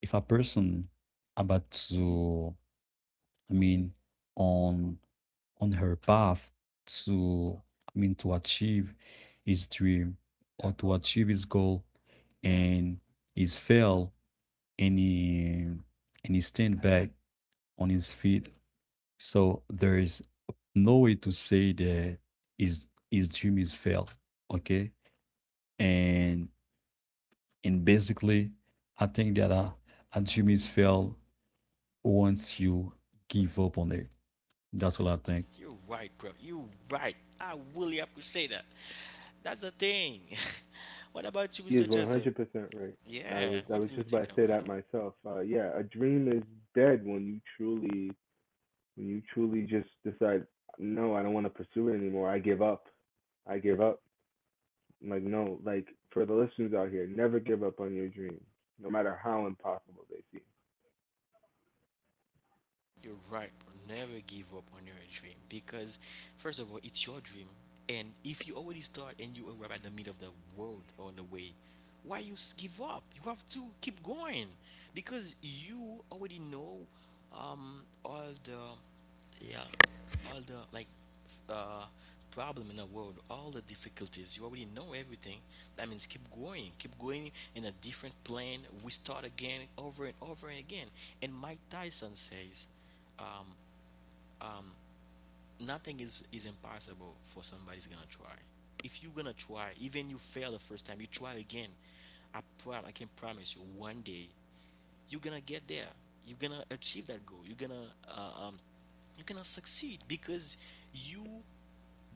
B: if a person about to, I mean on on her path to, I mean to achieve his dream or to achieve his goal, and he's failed and he stand back on his feet. So there is no way to say that his his dream is failed. Okay. And And basically, I think that a dream is failed once you give up on it. That's what I think.
A: You're right, bro. You're right. I really appreciate that. That's the thing. What about you,
C: He
A: Mr.
C: is
A: Joseph?
C: 100% right.
A: Yeah.
C: I
A: What
C: was
A: do you
C: just
A: think
C: about to say
A: about
C: that
A: it?
C: myself. Yeah, a dream is dead when you truly when you truly just decide, no, I don't want to pursue it anymore. I give up. I give up. Like no, like for the listeners out here, never give up on your dreams, no matter how impossible they seem.
A: You're right, bro. Never give up on your dream because, first of all, it's your dream. And if you already start and you arrive at the middle of the world on the way, why give up? You have to keep going because you already know, all the, yeah, all the, like, uh, problem in the world, all the difficulties. You already know everything. That means keep going in a different plane. We start again, over and over and again. And Mike Tyson says, um, nothing is impossible for somebody's gonna try. If you're gonna try, even you fail the first time, you try again. I can promise you, one day you're gonna get there. You're gonna achieve that goal. You're gonna succeed because you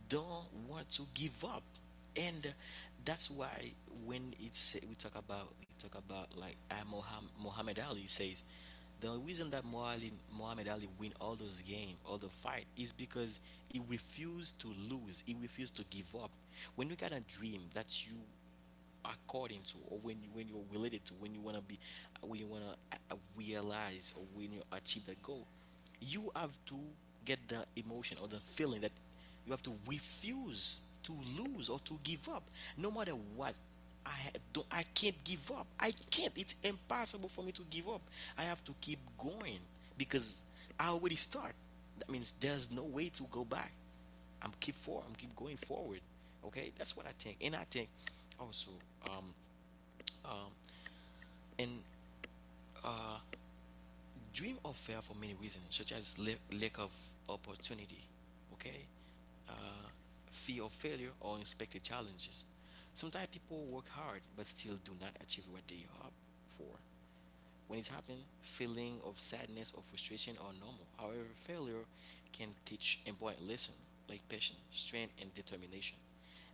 A: don't want to give up, and that's why when it's we talk about like, Muhammad Ali says, the reason that Muhammad Ali win all those games, all the fight, is because he refused to lose. He refused to give up. When you got a dream that you according to, or when you, when you're related to, when you want to be, when you want to realize or when you achieve that goal, you have to get the emotion or the feeling that you have to refuse to lose or to give up, no matter what. I ha- don't I can't give up, I can't, it's impossible for me to give up. I have to keep going because I already start. That means there's no way to go back. I'm keep going forward. Okay, that's what I think. And I think also, um, um, and dream of fail for many reasons, such as lack of opportunity, okay, uh, fear of failure or unexpected challenges. Sometimes people work hard but still do not achieve what they hope for. When it's happened, feeling of sadness or frustration are normal. However, failure can teach important lesson like patience, strength, and determination.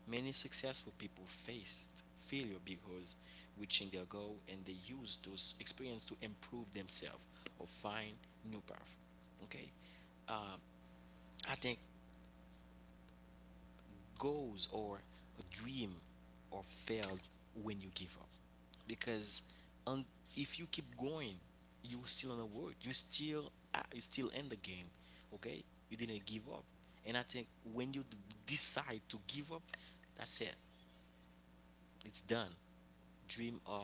A: Many successful people faced failure because reaching their goal and they use those experience to improve themselves or find new path. Okay, um, I think goals or a dream are failed when you give up. Because, un- if you keep going, you still in the world. You still, you still in the game. Okay, you didn't give up. And I think when decide to give up, that's it, it's done. Dream, or,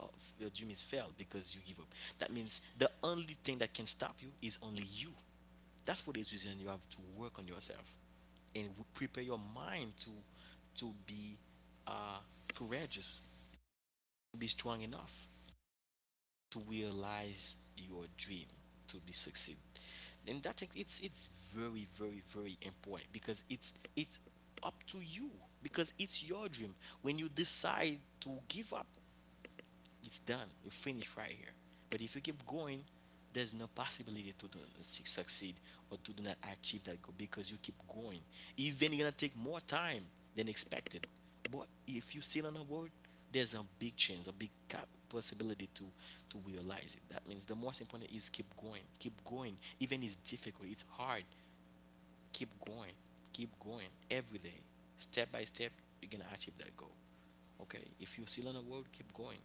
A: of your dream is failed because you give up. That means the only thing that can stop you is only you. That's for this reason you have to work on yourself and prepare your mind to be uh, courageous, to be strong enough to realize your dream, to be succeed. And that thing, it's very very very important because it's up to you, because it's your dream. When you decide to give up, it's done. You finish right here. But if you keep going, there's no possibility to do, succeed, or to do not achieve that goal because you keep going. Even you're gonna take more time than expected. But if you still on the board, there's a big chance, a big possibility to realize it. That means the most important is keep going, keep going. Even it's difficult, it's hard. Keep going, keep going every day, step by step. You're gonna achieve that goal. Okay, if you're still on the road, keep going.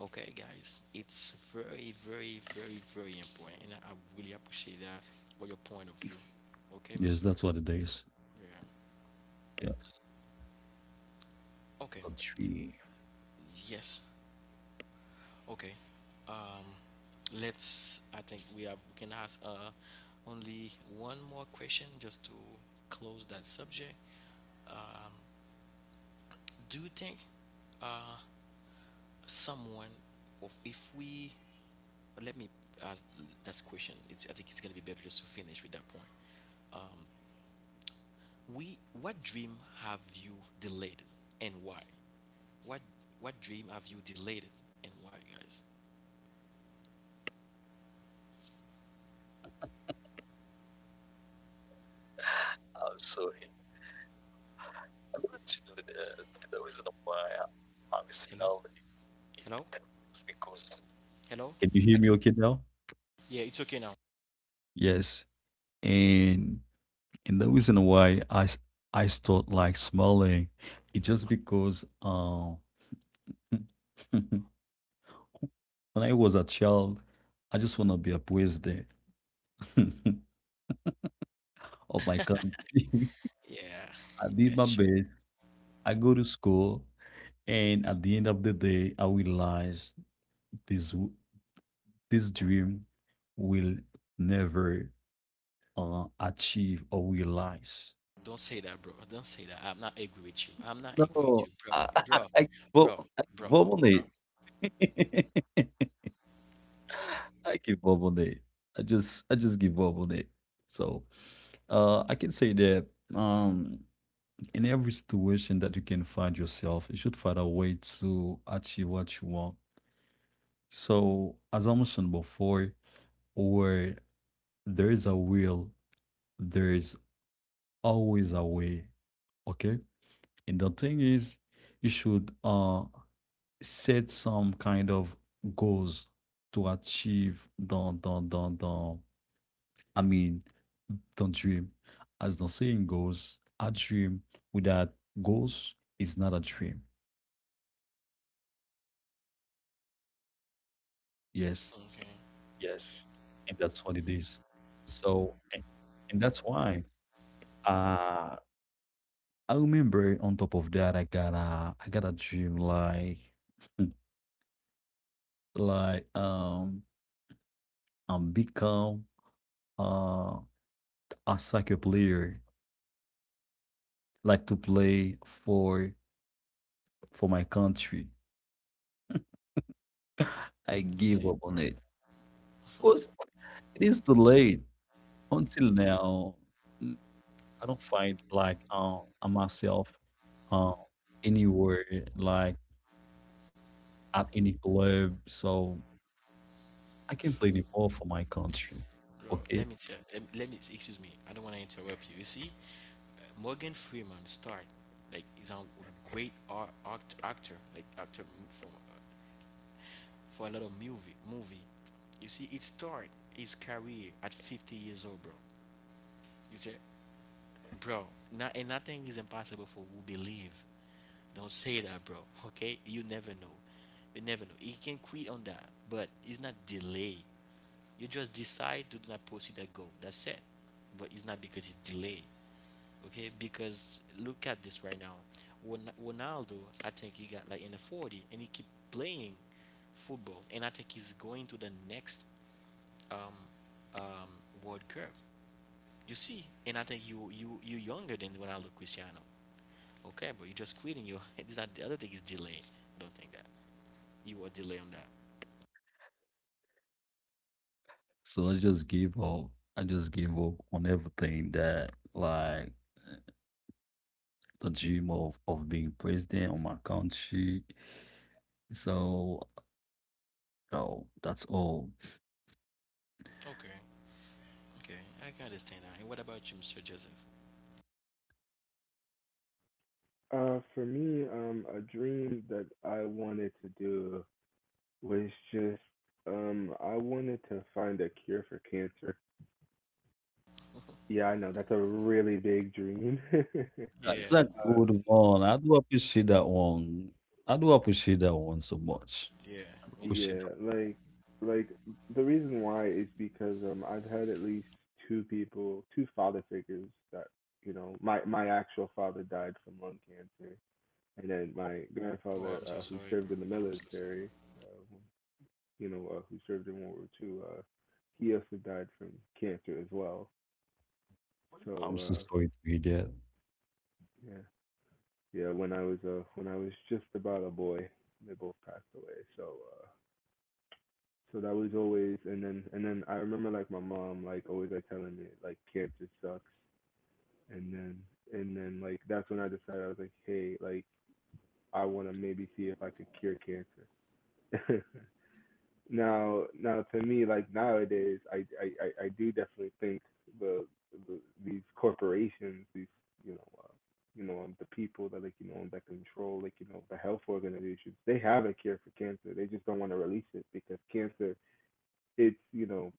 A: Okay, guys, it's very, very, very, very important, and I really appreciate that or your point of view. Okay,
B: Yes,
A: Mister.
B: that's what it is.
A: Yeah.
B: Yes.
A: Okay.
B: A dream.
A: Yes. Okay. Um, let's. I think we have. We can ask, only one more question just to close that subject. Do you think, uh, someone, of if we, let me ask that question, it's, I think it's gonna be better just to finish with that point. We, what dream have you delayed and why? What what dream have you delayed and why, guys?
B: I'm sorry. I don't you know the reason why I'm
A: Hello,
B: smelling it
A: hello,
B: is because
A: hello.
B: can you hear
A: Okay.
B: me okay now?
A: Yeah, it's okay now.
B: Yes. And and the reason why I s- I start like smiling, it's just because when I was a child, I just want to be a president of my country.
A: Yeah,
B: I did my
A: gotcha.
B: best. I go to school, and at the end of the day, I realize this w- this dream will never achieve or realize.
A: Don't say that, bro. Don't say that. I'm not agree with you. I'm not agree with you,
B: No,
A: bro,
B: I,
A: bro,
B: give
A: bro,
B: up, I
A: bro,
B: give up on
A: bro.
B: it. I give up on it. I just give up on it. So I can say that um in every situation that you can find yourself, you should find a way to achieve what you want. So, as I mentioned before, where there is a will, there is always a way. Okay. And the thing is, you should set some kind of goals to achieve the, I mean the dream. As the saying goes, a dream without goals is not a dream. Yes.
A: Okay,
B: Yes, and that's what it is. So, and that's why uh I remember, on top of that I got a dream like like become uh a soccer player like to play for my country. I give
A: okay,
B: up on it because it is too late until now. Mm, I don't find like myself, um, anywhere like at any club, so I can play the ball for my country.
A: bro. Let me
B: Okay,
A: tell. Let me. Excuse me. I don't want to interrupt you. You see, Morgan Freeman starred like he's a great actor, like actor from, for a lot of movie. You see, it start his career at 50 years old, bro. You say, bro, not, and nothing is impossible for who believe. Don't say that, bro. Okay, you never know. You never know. He can quit on that, but it's not delay. You just decide to not pursue that goal. That's it. But it's not because it's delayed. Okay, because look at this right now. Ronaldo, I think he got like in the 40 and he keep playing football and I think he's going to the next um um World Cup. You see, and I think you younger than Ronaldo Cristiano. Okay, but you're just quitting. You, it's not the other thing is delaying. I don't think that. You are delay on that.
B: so I just give up. I just give up on everything that like the dream of being president of my country. So no, that's all.
A: Okay, okay. I can understand that. And what about you, Mr. Joseph?
C: For me, a dream that I wanted to do was just, I wanted to find a cure for cancer. Yeah, I know that's a really big dream.
B: That is
A: Yeah,
B: a
C: uh,
B: good one. I do appreciate that one. I do appreciate that one so much.
A: yeah,
B: I do
A: me too.
B: appreciate
C: Yeah, like the reason why is because I've had at least two people, two father figures that you know, my actual father died from lung cancer, and then my
A: Oh,
C: grandfather
A: I'm so
C: who
A: sorry, bro.
C: served in the
A: I'm so sorry.
C: military, uh, who served in World War Two. He also died from cancer as well.
B: that one. I'm
C: So
B: so sorry to hear that.
C: yeah, yeah when I was just about a boy, they both passed away. So, uh, so that was always, and then I remember like my mom like always like telling me like cancer sucks, and then like that's when I decided. I was like, hey, like I want to maybe see if I could cure cancer. Now to me like nowadays I do definitely think the, the these corporations, these you know uh, the people that like you know that control like you know the health organizations, they have a cure for cancer. They just don't want to release it because cancer it's you know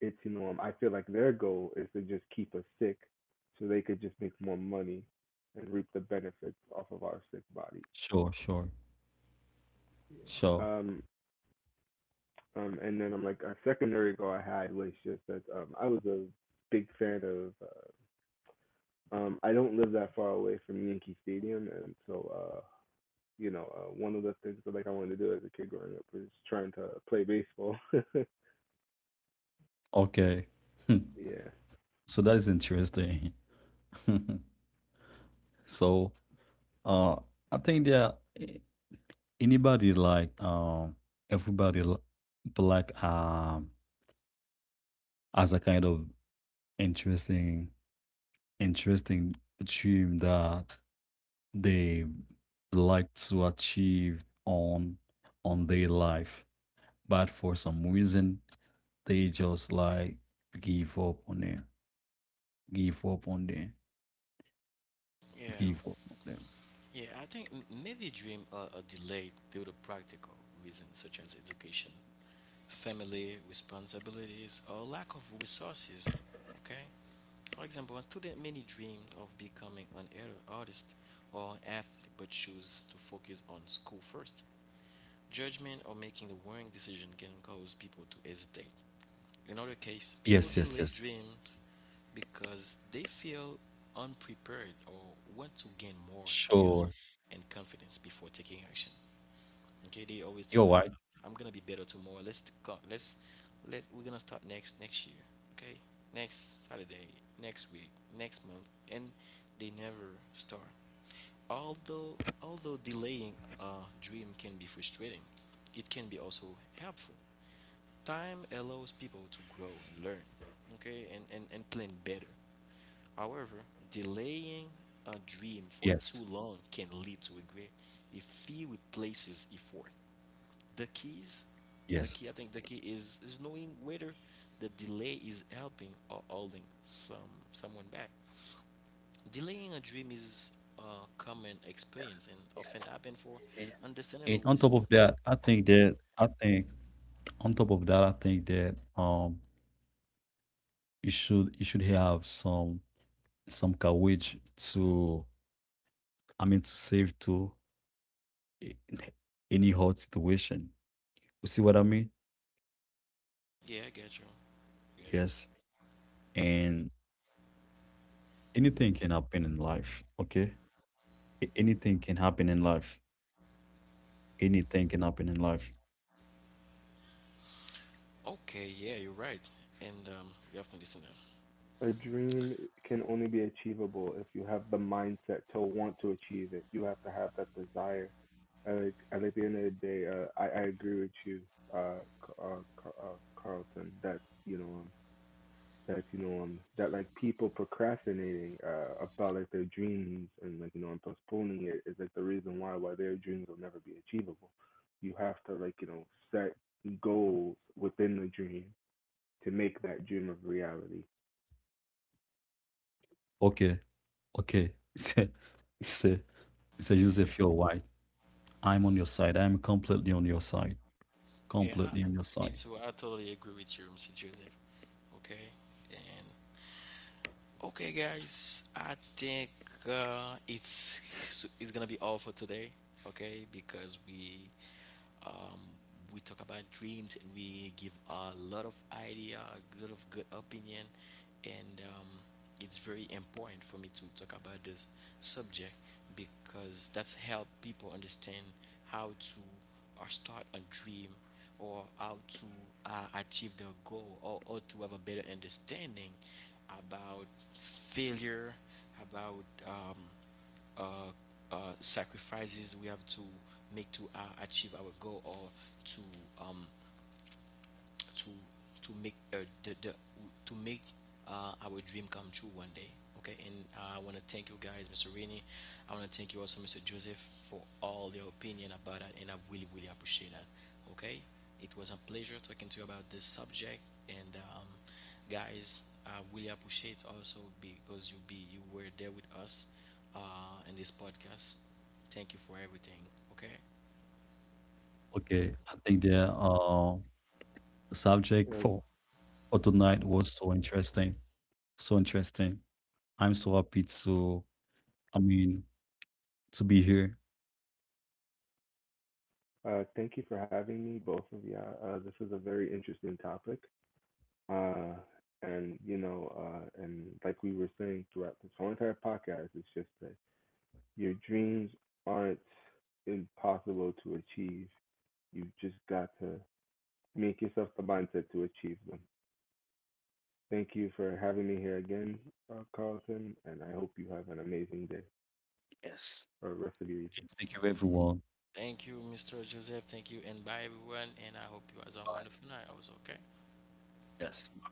C: it's you know I feel like their goal is to just keep us sick so they could just make more money and reap the benefits off of our sick bodies.
B: Sure, sure,
C: Yeah.
B: sure.
C: And then I'm like, a secondary goal I had was just that I was a big fan of I don't live that far away from Yankee Stadium, and so uh one of the things that like I wanted to do as a kid growing up was trying to play baseball.
B: Okay.
C: yeah.
B: So that is interesting. So Uh, I think that anybody like everybody li- black has a kind of interesting interesting dream that they like to achieve on their life, but for some reason they just like give up on them, give up on them,
A: Yeah.
B: give up on them.
A: Yeah, I think many dreams are delayed due to practical reasons such as education, family responsibilities, or lack of resources. Okay, for example, a student many dreamed of becoming an artist or an athlete, but choose to focus on school first. Judgment or making the wrong decision can cause people to hesitate. In other case,
B: Yes, yes,
A: people
B: yes.
A: delay dreams because they feel unprepared or want to gain more
B: Sure.
A: skills and confidence before taking action. Okay, they always
B: You're
A: think
B: right.
A: like, "I'm gonna be better tomorrow. Let's let we're gonna start next next year. Okay, next Saturday, next week, next month," and they never start. Although although delaying a dream can be frustrating, it can be also helpful. Time allows people to grow and learn, okay, and, and plan better. However,
B: Yes,
A: delaying a dream for too long can lead to regret if he replaces effort.
B: yes.
A: The keys, the key, I think the key is knowing whether the delay is helping or holding someone back. Delaying a dream is a common experience and often happen
B: And
A: for
B: on top of that, I
A: understandable reason.
B: think that I think that you should have some courage to, I mean to save to, a- any hard situation. You see what I mean?
A: Yeah, I get you. Get you.
B: Yes. And anything can happen in life, okay? Anything can happen in life. Anything can happen in life.
A: Okay, yeah, you're right. And you have to listen to them.
C: A dream can only be achievable if you have the mindset to want to achieve it. You have to have that desire. I like, and at the end of the day, I agree with you, uh, C- uh, Ca- uh, Carlton, that, you know, that, you know, that like people procrastinating, about like their dreams and like, you know, and postponing it is like the reason why their dreams will never be achievable. You have to like, you know, set goals within the dream to make that dream of reality.
B: Okay, okay. Mr. Mr.
A: Yeah, yeah.
B: Joseph, you're right. I'm on your side. I'm completely on your side.
A: Yeah,
B: Completely on your
A: me
B: side.
A: too. I totally agree with you, Mr. Joseph. Okay. And okay, guys, I think, it's it's gonna be all for today. Okay, because we, um, we talk about dreams and we give a lot of idea, a lot of good opinion, and it's very important for me to talk about this subject because that's help people understand how to or start a dream or how to uh, achieve their goal, or to have a better understanding about failure, about uh, sacrifices we have to make to achieve our goal, or to um, to to make the to make, our dream come true one day. Okay, and I want to thank you guys, Mr. Rainey. I want to thank you also, Mr. Joseph, for all your opinion about that, and I really, really appreciate that. Okay, it was a pleasure talking to you about this subject, and guys, I really appreciate also because you were there with us, in this podcast. Thank you for everything. Okay.
B: Okay, I think the subject for tonight was so interesting, so interesting. I'm so happy to, I mean, to be here.
C: Thank you for having me, both of you. This is a very interesting topic. Uh, and, you know, and like we were saying throughout this whole entire podcast, it's just that your dreams aren't impossible to achieve. You've just got to make yourself the mindset to achieve them. Thank you for having me here again, Carlton, and I hope you have an amazing day
B: Yes.
C: or rest of your evening.
B: Thank you, everyone.
A: Thank you, Mr. Joseph. Thank you, and bye, everyone. And I hope you guys have a
B: Bye.
A: wonderful night, also, okay?
B: Yes.